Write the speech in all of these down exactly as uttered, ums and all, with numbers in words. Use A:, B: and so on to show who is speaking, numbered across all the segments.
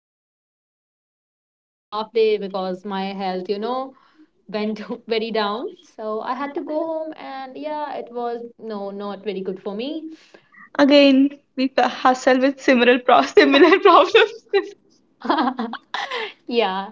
A: working and then I had to take a half day because my health, you know, went very down. So I had to go home and yeah, it was no, not very good for me.
B: Again, we p- hustle with similar pro- similar problems.
A: Yeah.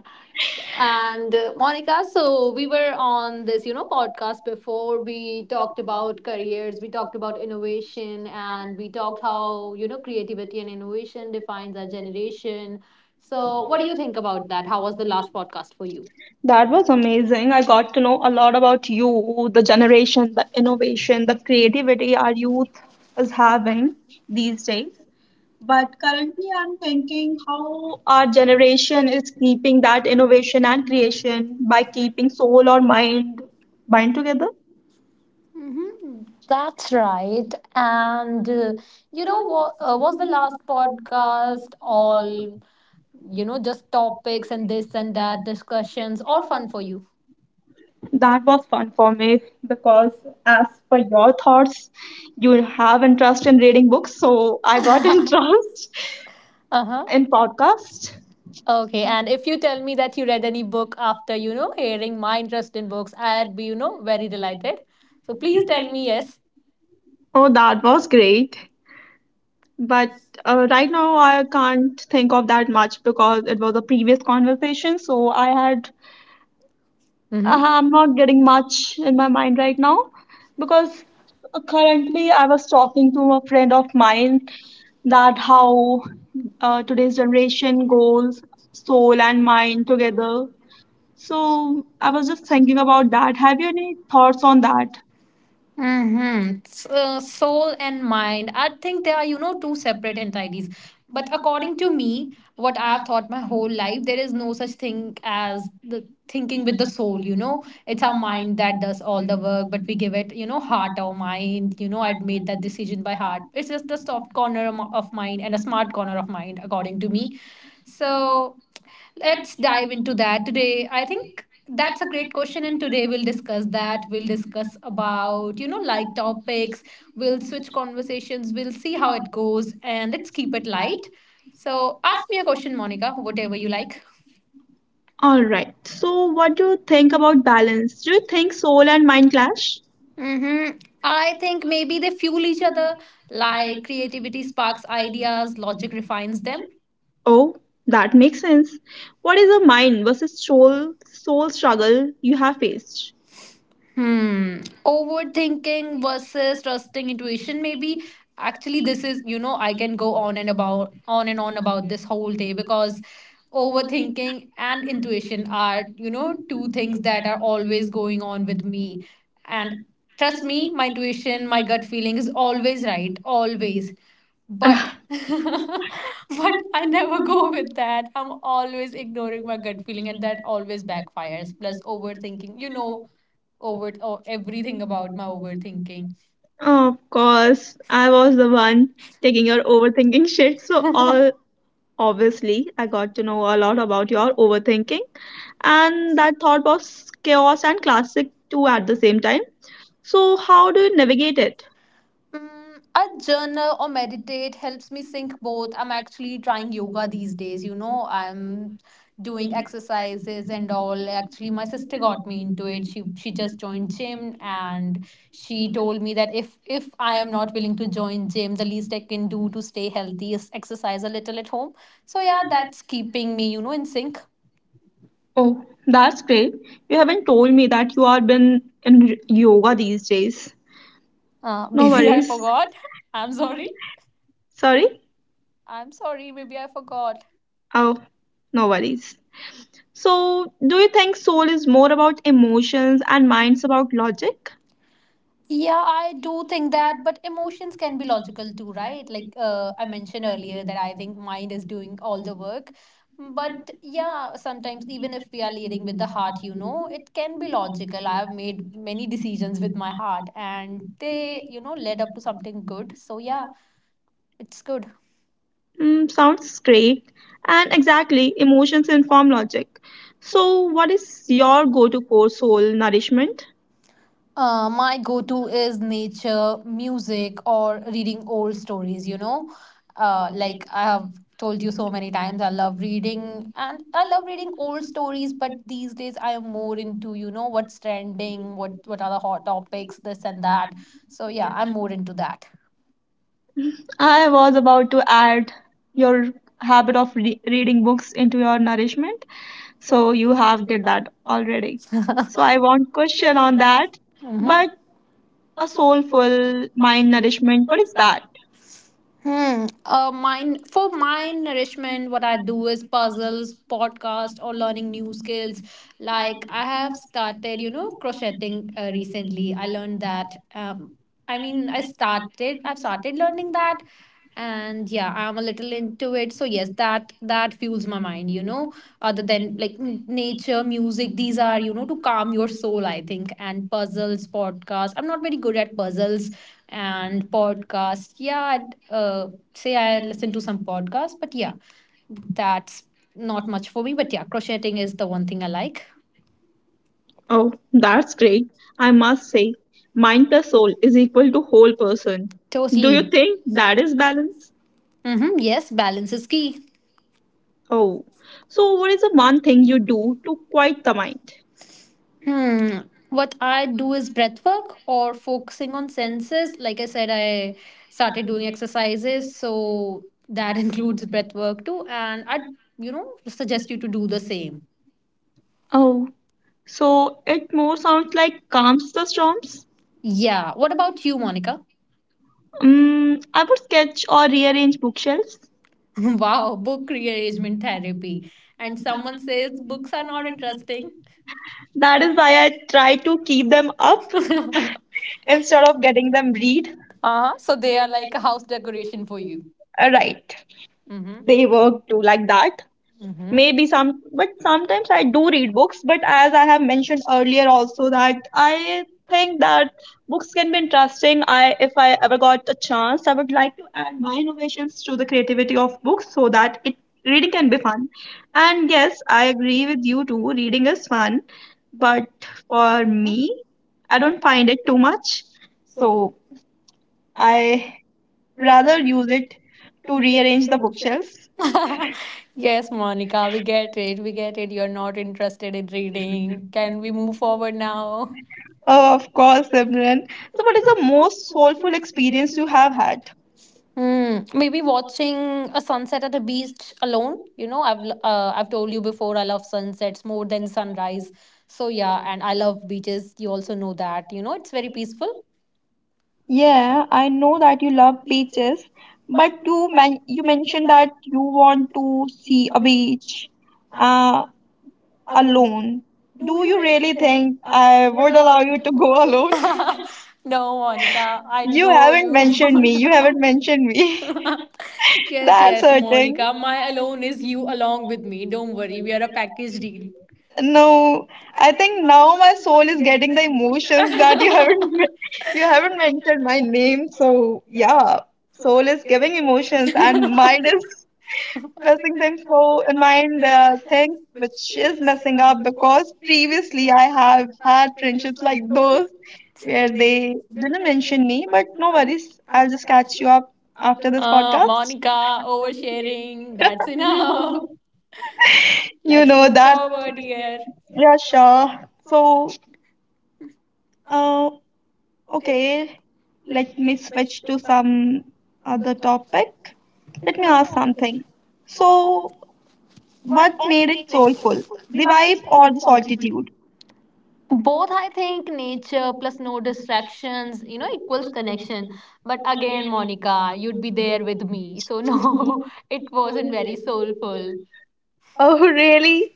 A: And uh, Monica, so we were on this, you know, podcast before. We talked about careers, we talked about innovation, and we talked how, you know, creativity and innovation defines our generation. So, what do you think about that? How was the last podcast for you?
B: That was amazing. I got to know a lot about you, the generation, the innovation, the creativity our youth is having these days. But currently, I'm thinking how our generation is keeping that innovation and creation by keeping soul or mind bind together.
A: Mm-hmm. That's right. And uh, you know what uh, was the last podcast all, you know, just topics and this and that discussions or fun for you?
B: That was fun for me because, as per your thoughts, you have interest in reading books, so I got interest
A: Uh huh.
B: in podcast.
A: Okay, and if you tell me that you read any book after, you know, hearing my interest in books, I'd be, you know, very delighted. So please tell me yes.
B: Oh, that was great. But uh, right now I can't think of that much because it was a previous conversation, so I had
A: Mhm.
B: uh, I'm
A: I'm
B: not
A: not
B: getting
A: getting much
B: much
A: in
B: in my
A: my mind
B: mind
A: right
B: right now
A: now
B: because
A: because
B: uh,
A: uh,
B: currently
A: currently
B: I
A: I was
B: was
A: talking
B: talking
A: to
B: to
A: a
B: a
A: friend
B: friend of
A: of mine
B: mine
A: that
B: that how
A: how
B: uh,
A: uh, today's
B: today's generation
A: generation
B: goes
A: goes soul
B: soul
A: and
B: and mind
A: mind
B: together.
A: together.
B: So I was just thinking about that. Have you any thoughts on that?
A: Mm-hmm. So, soul and mind. I think they are, you know, two separate entities. But according to me, what I've thought my whole life, there is no such thing as the thinking with the soul, you know. It's our mind that does all the work, but we give it, you know, heart or mind. You know, I'd made that decision by heart. It's just a soft corner of of mind and a smart corner of mind, according to me. So, let's dive into that today. I think that's a great question and today we'll discuss that. We'll discuss about, you know, light topics. We'll switch conversations. We'll see how it goes and let's keep it light. So, ask me a question, Monica, whatever you like.
B: All right, so what do you think about balance? Do you think soul and mind clash?
A: Mm-hmm. I think maybe they fuel each other, like creativity sparks ideas, logic refines them.
B: Oh, that makes sense. What is the mind versus soul soul struggle you have faced?
A: Hmm. Overthinking versus trusting intuition, maybe. Actually, this is, you know, I can go on and about on and on about this whole day because overthinking and intuition are, you know, two things that are always going on with me. And trust me, my intuition, my gut feeling is always right, always. But
B: Ugh.
A: but I never go with that. I'm always ignoring my gut feeling and that always backfires. Plus overthinking, you know, over or everything about my overthinking.
B: Of course, I was the one taking your overthinking shit. So all, obviously, I got to know a lot about your overthinking, and that thought was chaos and classic too at the same time. So how do you navigate it?
A: Mm, a journal or meditate helps me sync both. I'm actually trying yoga these days, you know. I'm doing exercises and all. Actually, my sister got me into it. She she just joined gym and she told me that if if I am not willing to join gym, the least I can do to stay healthy is exercise a little at home. So yeah, that's keeping me, you know, in sync.
B: Oh, that's great. You haven't told me that you are been in yoga these days.
A: Uh,
B: No
A: maybe I
B: worries.
A: forgot. I'm sorry.
B: Sorry.
A: I'm sorry, maybe I forgot.
B: Oh, no worries. So, do you think soul is more about emotions and mind's about logic?
A: Yeah, I do think that, but emotions can be logical too, right? Like uh, I mentioned earlier that I think mind is doing all the work. But yeah, sometimes even if we are leading with the heart, you know, it can be logical. I have made many decisions with my heart and they, you know, led up to something good. So yeah, it's good.
B: Mm, sounds great. And exactly, emotions inform logic. So, what is your go to for soul nourishment?
A: Uh, my go to is nature, music, or reading old stories, you know. Uh, like I have told you so many times, I love reading and I love reading old stories, but these days I am more into, you know, what's trending, what, what are the hot topics, this and that. So, yeah, I'm more into that.
B: I was about to add your habit of re- reading books into your nourishment. So, you have did that already. So, I want question on that. But
A: Mhm.
B: a soulful mind nourishment, what is that?
A: Hmm. Uh, mine for my nourishment, what I do is puzzles, podcast, or learning new skills. Like I have started, you know, crocheting uh, recently. I learned that. Um, I mean, I started. I've started learning that, and yeah, I'm a little into it. So yes, that that fuels my mind. You know, other than like n- nature, music, these are, you know, to calm your soul. I think and puzzles, podcasts. I'm not very good at puzzles and podcasts. Yeah, I'd, uh, say I listen to some podcasts, but yeah, that's not much for me. But yeah, crocheting is the one thing I like.
B: Oh, that's great. I must say, mind plus soul is equal to whole person. Do you
A: Totally.
B: think
A: That
B: that
A: is
B: is
A: balance.
B: balance?
A: Mm-hmm. Yes, balance is key.
B: Oh, so what is the one thing you do to quiet the mind?
A: Hmm. What I do is breath work or focusing on senses. Like I said, I started doing exercises, so that includes breath work too. And I, you know, suggest you to do the same.
B: Oh, so it more sounds like calms the storms.
A: Yeah. What about you, Monica?
B: Um, I would sketch or rearrange bookshelves.
A: Wow, book rearrangement therapy. And someone says books are not interesting.
B: That
A: That is
B: is
A: why
B: why
A: I
B: I try
A: try
B: to
A: to keep
B: keep
A: them
B: them
A: up.
B: up instead of getting them read.
A: Uh-huh. So they are like a house decoration for you.
B: Uh, Right,
A: Mm-hmm.
B: they work too like that.
A: Mm-hmm.
B: Maybe some, but sometimes I do read books, but as I have mentioned earlier also that I think that books can be interesting. I if I ever got a chance, I would like to add my innovations to the creativity of books so that it reading can be fun. And yes, I agree with you too, reading is fun, but for me, I don't find it too much, so I rather use it to rearrange the bookshelves.
A: Yes, Monica, we get it. We get it. You're not interested in reading. Can we move forward now?
B: Oh, of course, Simran. So, what is the most soulful experience you have had?
A: Hmm. Maybe watching a sunset at a beach alone. You know, I've l- uh, I've told you before. I love sunsets more than sunrise. So yeah, and I love beaches. You also know that. You know, it's very peaceful.
B: Yeah, I know that you love beaches, but you men you mentioned that you want to see a beach uh, alone. Do you really think I would allow you to go alone?
A: No, Monica, I
B: You
A: know
B: haven't
A: you.
B: mentioned me. You haven't mentioned me.
A: Yes,
B: That's
A: yes,
B: hurting.
A: Monica. My alone is you along with me. Don't worry, we are a package deal.
B: No, I think now my soul is getting the emotions that you haven't you haven't mentioned my name. So yeah, soul is giving emotions and mind is messing things. So in mind, there things which is messing up because previously I have had friendships like those where they didn't mention me. But no worries, I'll just catch you up after this
A: Uh,
B: podcast.
A: Monica, oversharing. That's enough.
B: You
A: Let's
B: know
A: move
B: that.
A: forward here.
B: Yeah, sure. So, uh, okay, let me switch to some other topic. Let me ask something. So, what made it soulful? The vibe or the solitude?
A: Both, I think, nature plus no distractions, you know, equals connection. But again, Monica, you'd be there with me. So, no, it wasn't very soulful.
B: Oh, really?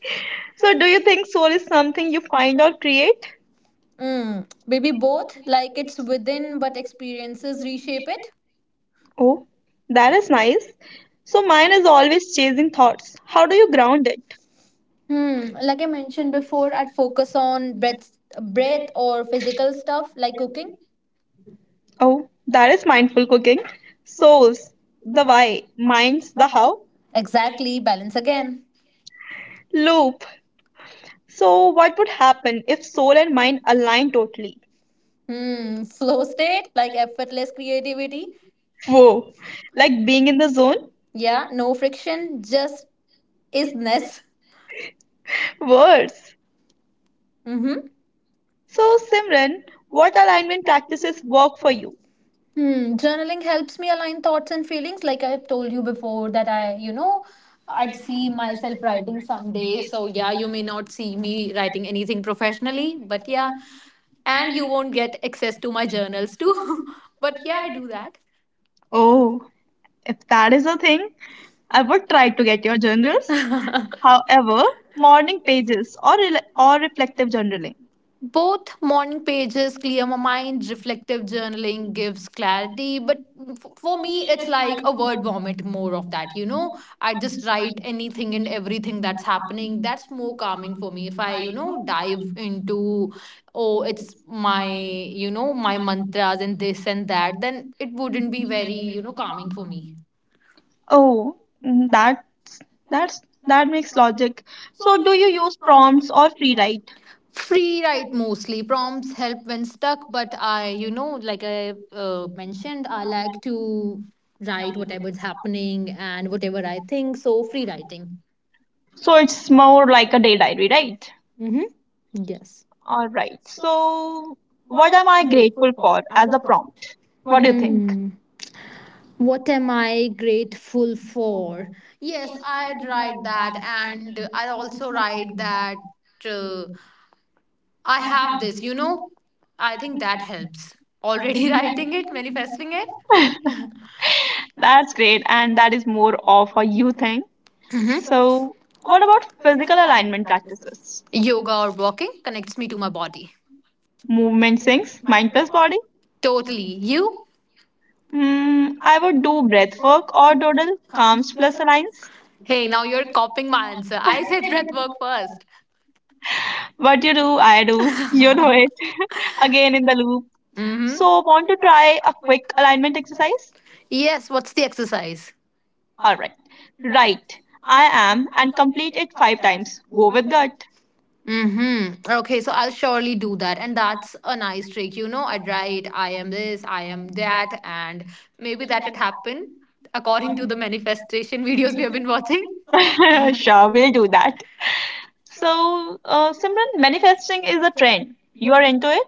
B: So, do you think soul is something you find or create?
A: Mm, maybe both, like it's within, but experiences reshape it.
B: Oh, that is nice. So, mine is always chasing thoughts. How do you ground it?
A: Hmm. Like I mentioned before, I'd focus on breath, breath or physical stuff like cooking.
B: Oh, that is mindful cooking. Souls, the why, minds, the how.
A: Exactly, balance again.
B: Loop. So, what would happen if soul and mind align totally?
A: Hmm. Flow state, like effortless creativity.
B: Whoa, like being in the zone?
A: Yeah, no friction, just isness.
B: Worse.
A: Mm-hmm.
B: So, Simran, what alignment practices work for you?
A: Hmm. Journaling helps me align thoughts and feelings. Like I've told you before, that I, you know, I'd see myself writing someday. So, yeah, you may not see me writing anything professionally, but yeah, and you won't get access to my journals too. But yeah, I do that.
B: Oh, if that is a thing, I would try to get your journals. However, morning pages or rela or reflective journaling.
A: Both morning pages clear my mind, reflective journaling gives clarity. But f- for me, it's like a word vomit, more of that, you know? I just write anything and everything that's happening. That's more calming for me. If I, you know, dive into, oh, it's my, you know, my mantras and this and that, then it wouldn't be very, you know, calming for me.
B: Oh, mm, that's that's that makes logic. So, do you use prompts or free write?
A: Free write mostly. Prompts help when stuck, but I you know like I uh, mentioned, I like to write whatever's happening and whatever I think, so free writing.
B: So, it's more like a day diary, right?
A: Mm-hmm. Yes.
B: All right. So, what am I grateful for as a prompt? What do you think?
A: Hmm. What am I grateful for? Yes, I'd write that, and I also write that, uh, I have this, you know, I think that helps already, writing it, manifesting it.
B: That's great. And that is more of a you thing. So, what about physical alignment practices?
A: Yoga or walking connects me to my body.
B: Movement sinks, mind plus body.
A: Totally. You?
B: Mm, I would do breath work or doodle, calms plus aligns.
A: Hey, now you're copying my answer. I said breath work first.
B: What you do, I do. You know it. Again in the loop. So, want to try a quick alignment exercise?
A: Yes, what's the exercise?
B: All right. Right. I am and complete it five times. Go with gut.
A: Mm-hmm. Okay, so I'll surely do that. And that's a nice trick. You know, I'd write, I am this, I am that, and maybe that would happen according to the manifestation videos we have been watching.
B: Sure, we'll do that. So, uh, Simran, manifesting is a trend. You are into it?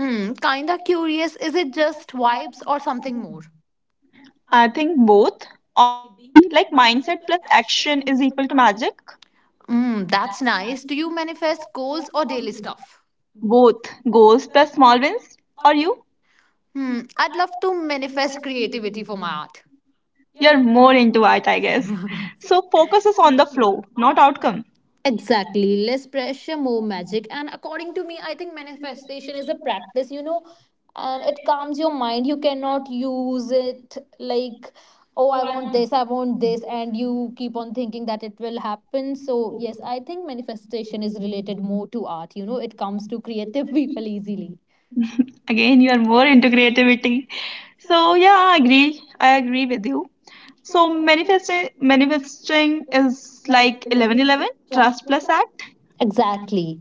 A: Mm, kinda curious, is it just vibes or something more?
B: I think both, or maybe like mindset plus action is equal to magic.
A: Mm, that's nice. Do you manifest goals or daily stuff?
B: Both goals plus small wins. Or you?
A: Hmm, I'd love to manifest creativity for my art.
B: You're more into art, I guess. So, focus is on the flow, not outcome.
A: Exactly. Less pressure, more magic. And according to me, I think manifestation is a practice, you know, and it calms your mind. You cannot use it like, oh, I want this, I want this, and you keep on thinking that it will happen. So, yes, I think manifestation is related more to art. You know, it comes to creative people easily.
B: Again, you are more into creativity. So, yeah, I agree. I agree with you. So, manifesting, manifesting is like eleven eleven, trust plus act.
A: Exactly.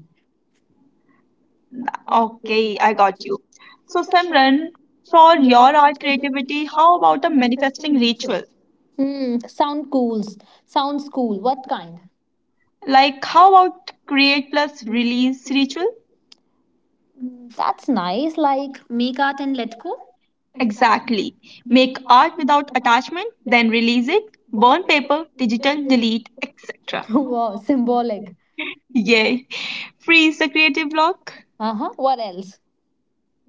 B: Okay, I got you. So, Simran, for your art creativity, how about a manifesting ritual?
A: Hmm. Sound cool. Sounds cool. What kind?
B: Like, how about create plus release ritual?
A: Mm, that's nice, like make art and let go.
B: Exactly. Make art without attachment, then release it, burn paper, digital, delete, et cetera.
A: Wow, symbolic.
B: Yay. Freeze the creative block.
A: Uh huh. What else?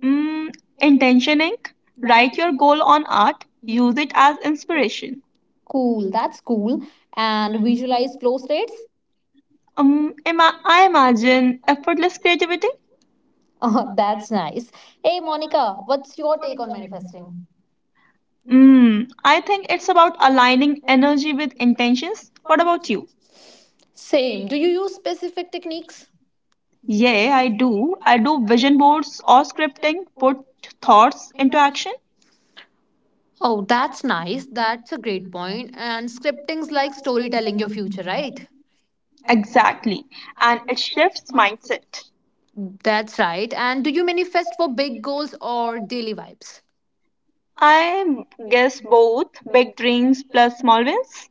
B: Mm, intention ink. Write your goal on art, use it as inspiration.
A: Cool. That's cool. And visualize flow states.
B: Um, ima- I imagine effortless creativity.
A: Oh, that's nice. Hey, Monica, what's your take on manifesting?
B: Mm, I think it's about aligning energy with intentions. What about you?
A: Same. Do you use specific techniques?
B: Yeah, I do. I do vision boards or scripting, put thoughts into action.
A: Oh, that's nice. That's a great point. And scripting's like storytelling your future, right?
B: Exactly. And it shifts mindset.
A: That's right. And do you manifest for big goals or daily vibes?
B: I guess both big dreams plus small wins.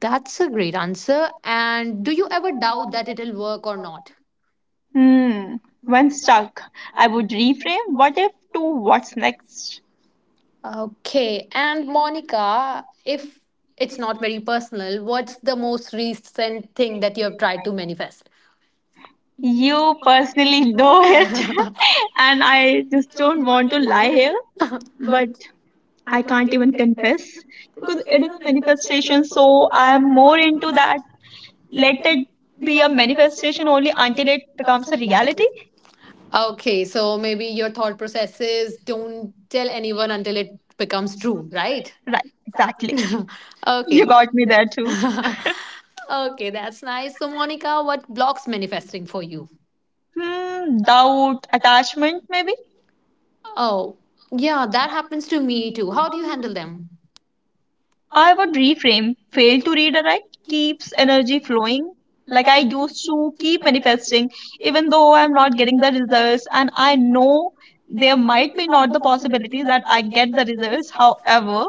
A: That's a great answer. And do you ever doubt that it'll work or not?
B: Hmm. When stuck, I would reframe what if to what's next.
A: Okay. And Monica, if it's not very personal, what's the most recent thing that you have tried to manifest?
B: You personally know it, and I just don't want to lie here. But I can't even confess because it is a manifestation. So I am more into that. Let it be a manifestation only until it becomes a reality.
A: Okay. So maybe your thought process is don't tell anyone until it becomes true, right?
B: Right, exactly.
A: Okay.
B: You got me there too.
A: Okay. That's nice. So, Monica, what blocks manifesting for you?
B: Hmm, doubt, attachment, maybe.
A: Oh, yeah, that happens to me too. How do you handle them?
B: I would reframe fail to redirect keeps energy flowing. Like I used to keep manifesting, even though I'm not getting the results, and I know there might be not the possibility that I get the results. However,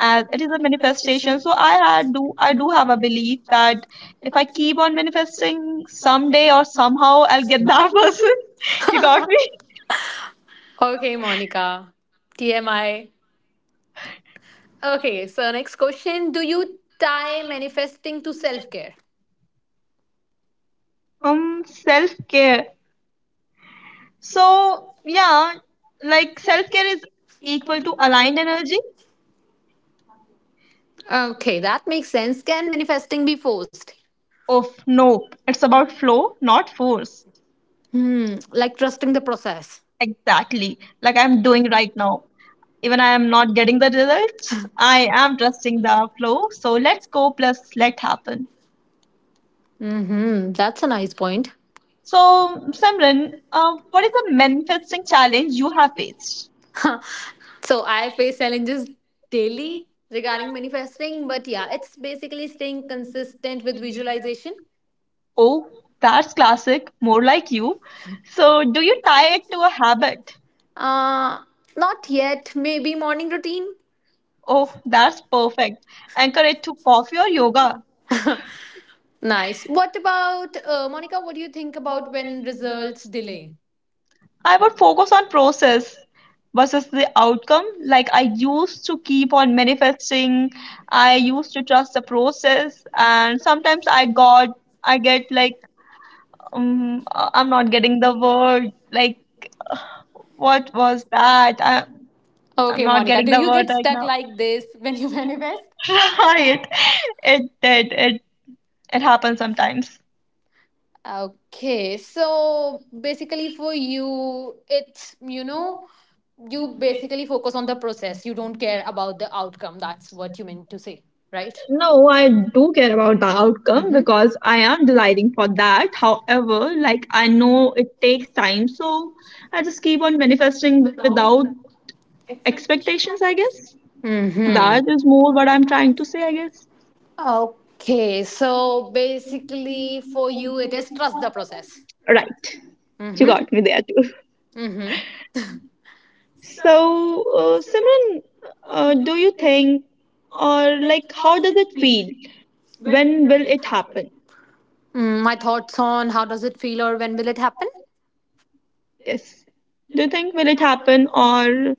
B: as it is a manifestation, so I had do I do have a belief that if I keep on manifesting, someday or somehow I'll get that person. You got me?
A: Okay, Monica. T M I. Okay, so next question. Do you tie manifesting to self care?
B: Um, self care. So yeah, like self care is equal to aligned energy.
A: Okay, that makes sense. Can manifesting be forced?
B: Of no, it's about flow, not force.
A: Hmm, like trusting the process.
B: Exactly. Like I'm doing right now. Even I am not getting the results, I am trusting the flow. So let's go plus let happen.
A: Mm-hmm, that's a nice point.
B: So Samran, uh, what is the manifesting challenge you have faced?
A: So I face challenges daily regarding manifesting, but yeah, it's basically staying consistent with visualization.
B: Oh, that's classic, more like you. So do you tie it to a habit?
A: Uh, Not yet. Maybe morning routine.
B: Oh, that's perfect. Anchor it to coffee or yoga.
A: Nice. What about uh, Monica? What do you think about when results delay?
B: I would focus on process versus the outcome. Like I used to keep on manifesting, I used to trust the process, and sometimes I got, I get like, um, uh, I'm not getting the word. Like, what was that? I, I'm
A: Okay,
B: not
A: Monica,
B: getting
A: do
B: the
A: you
B: word
A: get
B: right
A: stuck like this when you manifest?
B: now. Right? It did. It it happens sometimes.
A: Okay, so basically for you, it's you know, you basically focus on the process. You don't care about the outcome. That's what you meant to say, right?
B: No, I do care about the outcome because I am desiring for that. However, like I know it takes time, so I just keep on manifesting without expectations, I guess. That
A: Mm-hmm.
B: is more what I'm trying to say, I guess.
A: Okay, so basically for you, it is trust the process.
B: Right. You
A: Mm-hmm.
B: got me there too.
A: Mm-hmm.
B: So, uh, Simran, uh, do you think, or like, how does it feel? When will it happen?
A: Mm, my thoughts on how does it feel or when will it happen?
B: Yes. Do you think will it happen, or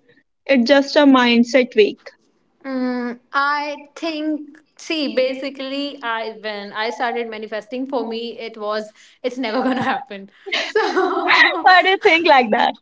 B: it's just a mindset week?
A: Mm, I think, see, basically I when I started manifesting for me it was it's never gonna happen. So
B: Why do you think like that?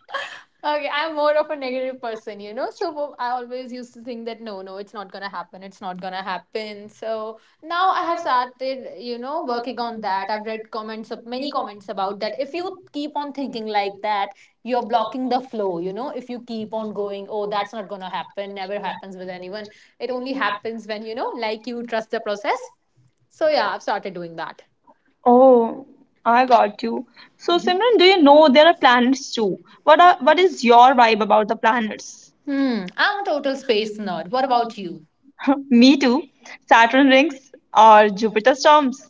A: okay, I'm more of a negative person, you know. So I always used to think that no, no, it's not gonna happen. It's not gonna happen. So now I have started, you know, working on that. I've read comments of many comments about that. If you keep on thinking like that, you're blocking the flow, you know. If you keep on going, oh, that's not gonna happen. Never happens with anyone. It only happens when, you know, like, you trust the process. So yeah, I've started doing that.
B: Oh, I got you. So, Simran, do you know there are planets too? What are what is your vibe about the planets?
A: Hmm. I'm a total space nerd. What about you?
B: Me too. Saturn rings or Jupiter storms.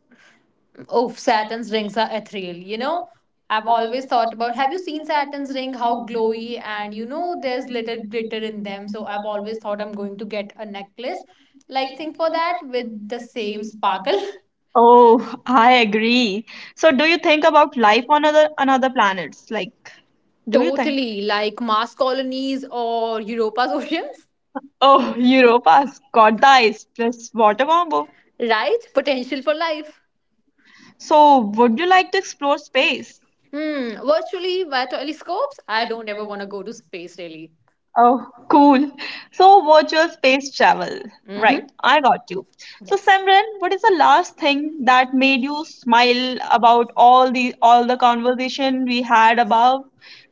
A: Oh, Saturn's rings are ethereal. You know, I've always thought about, have you seen Saturn's ring? How glowy, and you know there's little glitter in them. So I've always thought I'm going to get a necklace like thing for that with the same sparkle.
B: Oh, I agree. So, do you think about life on other another planets? Like, do you think?
A: Totally, like Mars colonies or Europa's oceans.
B: Oh, Europa's got the ice plus water combo.
A: Right? Potential for life.
B: So, would you like to explore space?
A: Hmm. Virtually via telescopes. I don't ever want to go to space really.
B: Oh, cool. So, virtual space travel. Right,
A: Mm-hmm.
B: I got you. So, Samran, what is the last thing that made you smile about all the all the conversation we had above,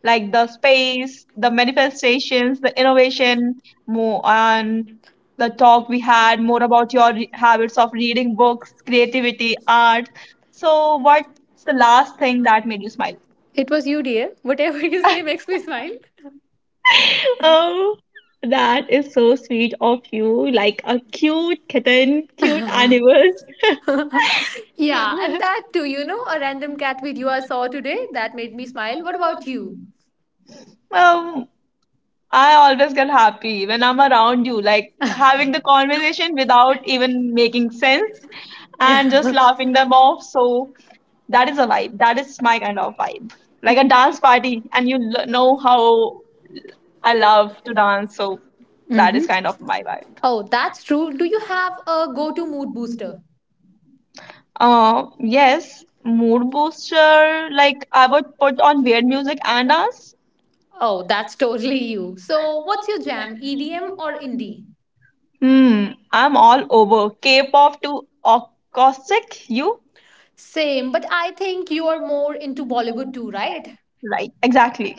B: like the space, the manifestations, the innovation, more on the talk we had, more about your re- habits of reading books, creativity, art. So, what's the last thing that made you smile?
A: It was you, dear. Whatever you say makes me smile.
B: Oh, that is so sweet of you. Like a cute kitten, cute animals.
A: yeah, and that too, you know, a random cat video I saw today that made me smile. What about you?
B: Um, I always get happy when I'm around you, like having the conversation without even making sense and just laughing them off. So that is a vibe. That is my kind of vibe. Like a dance party, and you l- know how I love to dance. So that is kind of my vibe.
A: Oh, that's true. Do you have a go to mood booster?
B: Uh, yes, mood booster. Like I would put on weird music and dance.
A: Oh, that's totally you. So, what's your jam, E D M or indie?
B: Hmm, I'm all over. K-pop to acoustic, you?
A: Same, but I think you are more into Bollywood too, right?
B: Right. Exactly.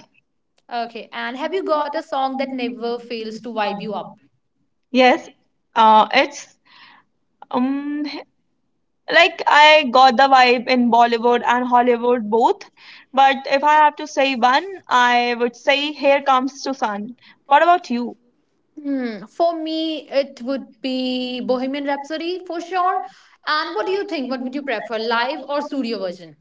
A: Okay, and have you got a song that never fails to vibe you up?
B: Yes. Uh, it's um like I got the vibe in Bollywood and Hollywood both, but if I have to say one, I would say Here Comes to Sun. What about you?
A: Hmm, for me, it would be Bohemian Rhapsody for sure. And what do you think? What would you prefer, live or studio version?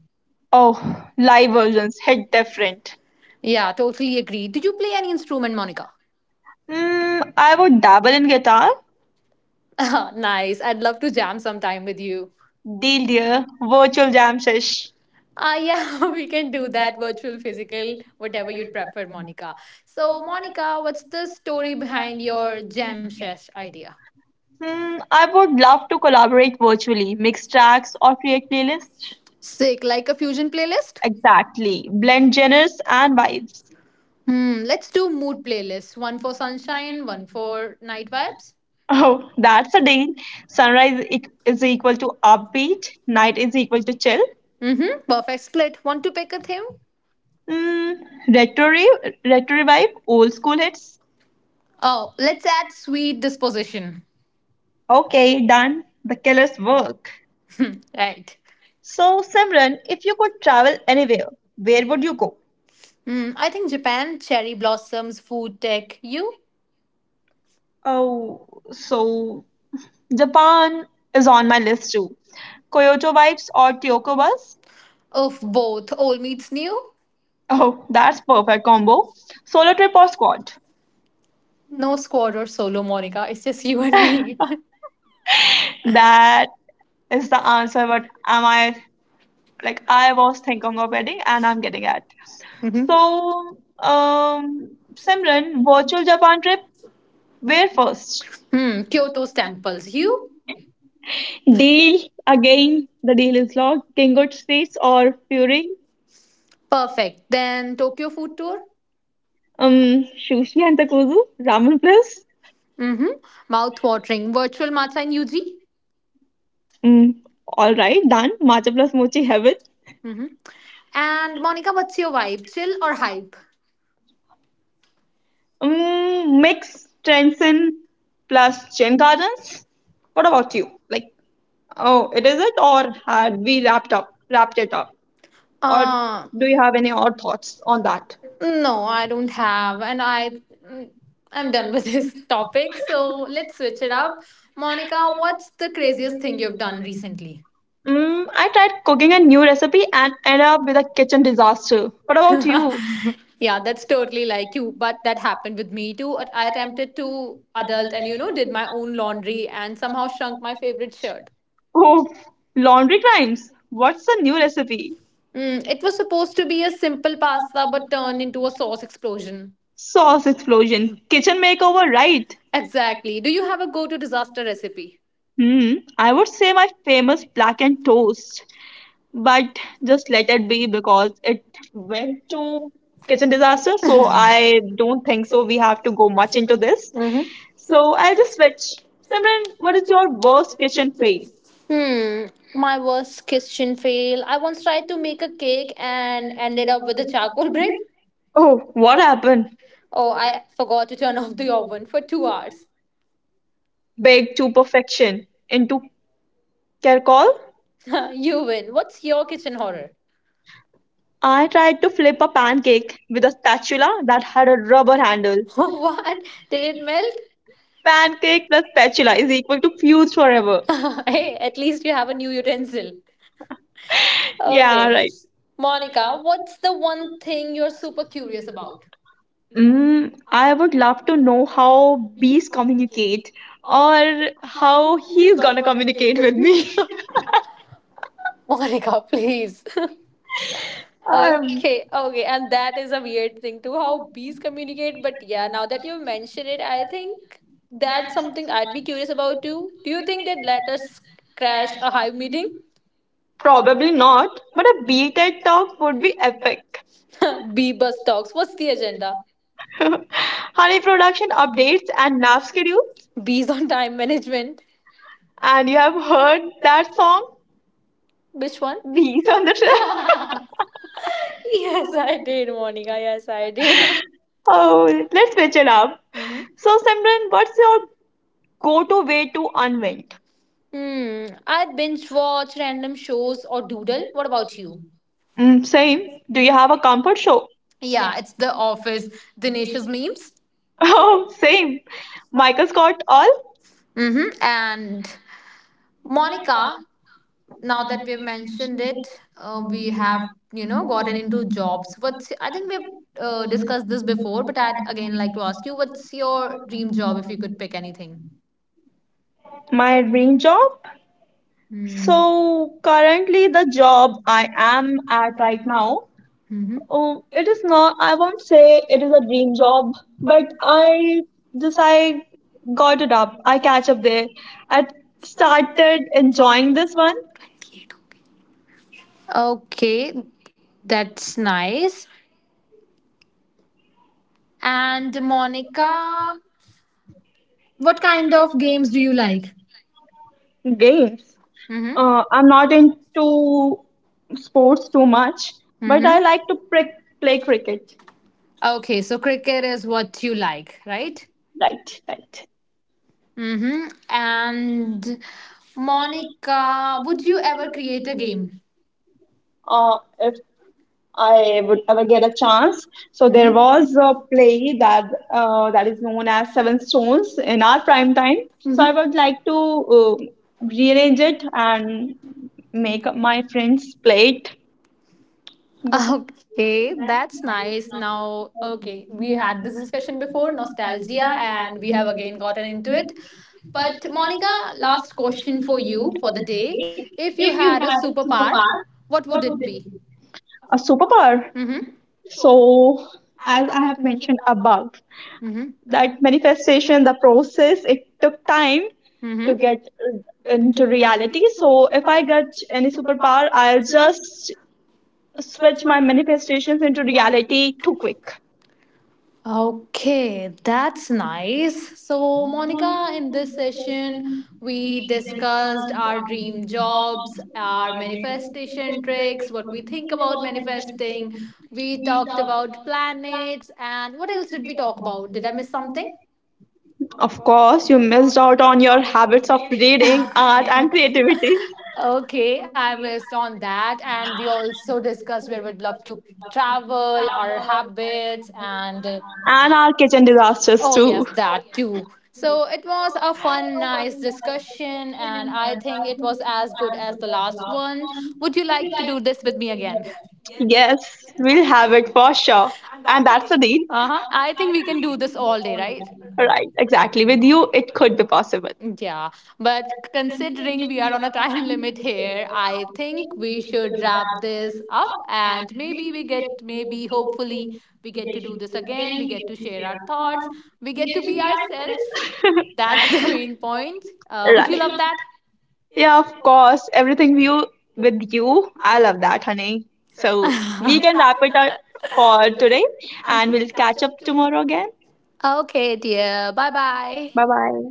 B: Oh, live versions hit different.
A: Yeah, totally agree. Do you play any instrument, Monica?
B: Hmm, I would dabble in guitar.
A: nice. I'd love to jam sometime with you.
B: Deal dear, virtual jam sesh.
A: Uh, yeah, we can do that virtual, physical, whatever you'd prefer, Monica. So, Monica, what's the story behind your jam sesh idea?
B: Hmm, I would love to collaborate virtually, mix tracks or create playlists.
A: Sick, like a fusion playlist?
B: Exactly. Blend genres and vibes.
A: Hmm, let's do mood playlists. One for sunshine, one for night vibes.
B: Oh, that's a deal. Sunrise e- is equal to upbeat, night is equal to chill.
A: Mm-hmm. Perfect split. Want to pick a theme?
B: Mm, retro, re- retro revive, old school hits.
A: Oh, let's add sweet disposition.
B: Okay, done. The killer's work.
A: right.
B: So, Simran, if you could travel anywhere, where would you go?
A: Hmm, I think Japan, cherry blossoms, food tech. You?
B: Oh, so Japan is on my list too. Kyoto vibes or Tokyo bus?
A: Of both old meets new,
B: Oh, that's perfect combo. Solo trip or squad?
A: no squad or solo, Monica. It's just you and me.
B: That is the answer. But am I, like, I was thinking of wedding and I'm getting at. So, um, Simran, virtual Japan trip. Where first?
A: hmm, Kyoto's temples. You?
B: Deal again. The deal is locked. Kingo streets or Fury?
A: Perfect. Then Tokyo food tour?
B: Um, sushi and takozu ramen plus.
A: Mm-hmm. Mouth-watering. Virtual matcha in U G?
B: Mm, all right, done. Matcha plus mochi heaven.
A: Mm-hmm. And Monica, what's your vibe? Chill or hype?
B: Um, mix Trenson plus Chen Gardens. What about you? Like, oh, it is it or had we wrapped up, wrapped it up? Or
A: Uh,
B: do you have any odd thoughts on that?
A: no, I don't have. And I, mm, I'm done with this topic. So let's switch it up. Monica, what's the craziest thing you've done recently?
B: Mm,
A: I
B: I
A: tried
B: tried
A: cooking
B: cooking a
A: a new
B: new
A: recipe
B: recipe
A: and
B: and ended
A: ended
B: up
A: up with
B: with a
A: a
B: kitchen
A: kitchen disaster.
B: disaster. What
A: But I
B: about
A: was
B: you?
A: yeah, that's totally like you. But that happened with me too. At- I attempted to adult and, you know, did my own laundry and somehow shrunk my favorite shirt.
B: Oh, laundry crimes. What's the new recipe?
A: Mm, it was supposed to be a simple pasta but turned into a sauce explosion.
B: Sauce explosion. Kitchen makeover, right?
A: Exactly. Do you have a go to disaster recipe?
B: Hmm. I would say my famous black and toast, but just let it be because it went to kitchen disaster, so I don't think so we have to go much into this. So I'll just switch. Simran, what is your worst kitchen fail?
A: Hmm, my worst kitchen fail. I once tried to make a cake and ended up with a charcoal brick.
B: Oh, what happened?
A: Oh, I forgot to turn off the oven for two hours.
B: Baked to perfection into charcoal.
A: you win. What's your kitchen horror?
B: I tried to flip a pancake with a spatula that had a rubber handle.
A: what? Did it melt?
B: Pancake plus spatula is equal to fused forever.
A: hey, at least you have a new utensil.
B: Yeah,
A: Okay.
B: right.
A: Monica, what's the one thing you're super curious about?
B: Mm, I would love to know how bees communicate or how he's gonna communicate with me.
A: Monica, please.
B: Um,
A: okay, okay. And that is a weird thing too, how bees communicate. But yeah, now that you mention it, I think that's something I'd be curious about too. Do you think they'd let us crash a hive meeting?
B: Probably not, but a bee TED talk would be epic.
A: Bee bus talks. What's the agenda?
B: Honey production updates and nap schedules.
A: Bees on time management.
B: And you have heard that song,
A: Which one?
B: Bees on the Track.
A: Yes, I did, Monica. Yes, I did.
B: Oh, let's switch it up.
A: hmm.
B: So, Simran, what's your go-to way to unwind?
A: Hmm. I binge watch random shows or doodle. What about you?
B: Mm, same. Do you have a comfort show?
A: Yeah, it's The Office, Dinesh's memes.
B: Oh, same. Michael Scott all?
A: Mm-hmm. And Monica, now that we've mentioned it, uh, we have, you know, gotten into jobs. What's, I think we've uh, discussed this before, but I'd again like to ask you, what's your dream job if you could pick anything?
B: My dream job.
A: Hmm.
B: So
A: So
B: currently the job I am at right now,
A: mhm.
B: oh, it is not. I won't say it is a dream job, but I just I got it up. I catch up there. I started enjoying this one.
A: twenty-eight, okay. Okay, that's nice. And Monica, what kind of games do you like?
B: Games.
A: Mm-hmm.
B: uh, I'm not into sports too much, but I like to prick, play cricket.
A: Okay, so cricket is what you like, right?
B: Right, right.
A: Mm-hmm. And Monica, would you ever create a game?
B: Uh, if I would ever get a chance. So there was a play that, uh, that is known as Seven Stones in our prime time. So I would like to uh, rearrange it and make my friends play it.
A: Okay, that's nice. Now, okay, we had this discussion before, nostalgia, and we have again gotten into it. But, Monica, last question for you for the day. If you had a superpower, what would it be?
B: A superpower.
A: Mm-hmm.
B: So, as I have mentioned above,
A: Mm-hmm.
B: that manifestation, the process, it took time
A: Mm-hmm.
B: to get into reality. So, if I get any superpower, I'll just switch my manifestations into reality too quick.
A: Okay, that's nice. So, Monica, in this session, we discussed our dream jobs, our manifestation tricks, what we think about manifesting. We talked about planets, and what else did we talk about? Did I miss something?
B: Of course, you missed out on your habits of reading, art, and creativity.
A: Okay, I missed on that. And we also discussed where we'd love to travel, our habits, and. Uh,
B: And our kitchen disasters
A: Oh, yes,
B: too.
A: that too. So it was a fun, nice discussion, and I think it was as good as the last one. Would you like to do this with me again?
B: Yes, we'll have it for sure. And that's a deal.
A: Uh huh. I think we can do this all day, right?
B: Right, exactly. With you, it could be possible.
A: Yeah, but considering we are on a time limit here, I think we should wrap this up, and maybe we get, maybe hopefully we get to do this again. We get to share our thoughts. We get to be ourselves. That's the main point. Uh, would you
B: Right.
A: love that?
B: Yeah, of course. Everything you with you. I love that, honey. So we can wrap it up for today and we'll catch up tomorrow again.
A: Okay, dear. Bye
B: Bye
A: bye.
B: bye.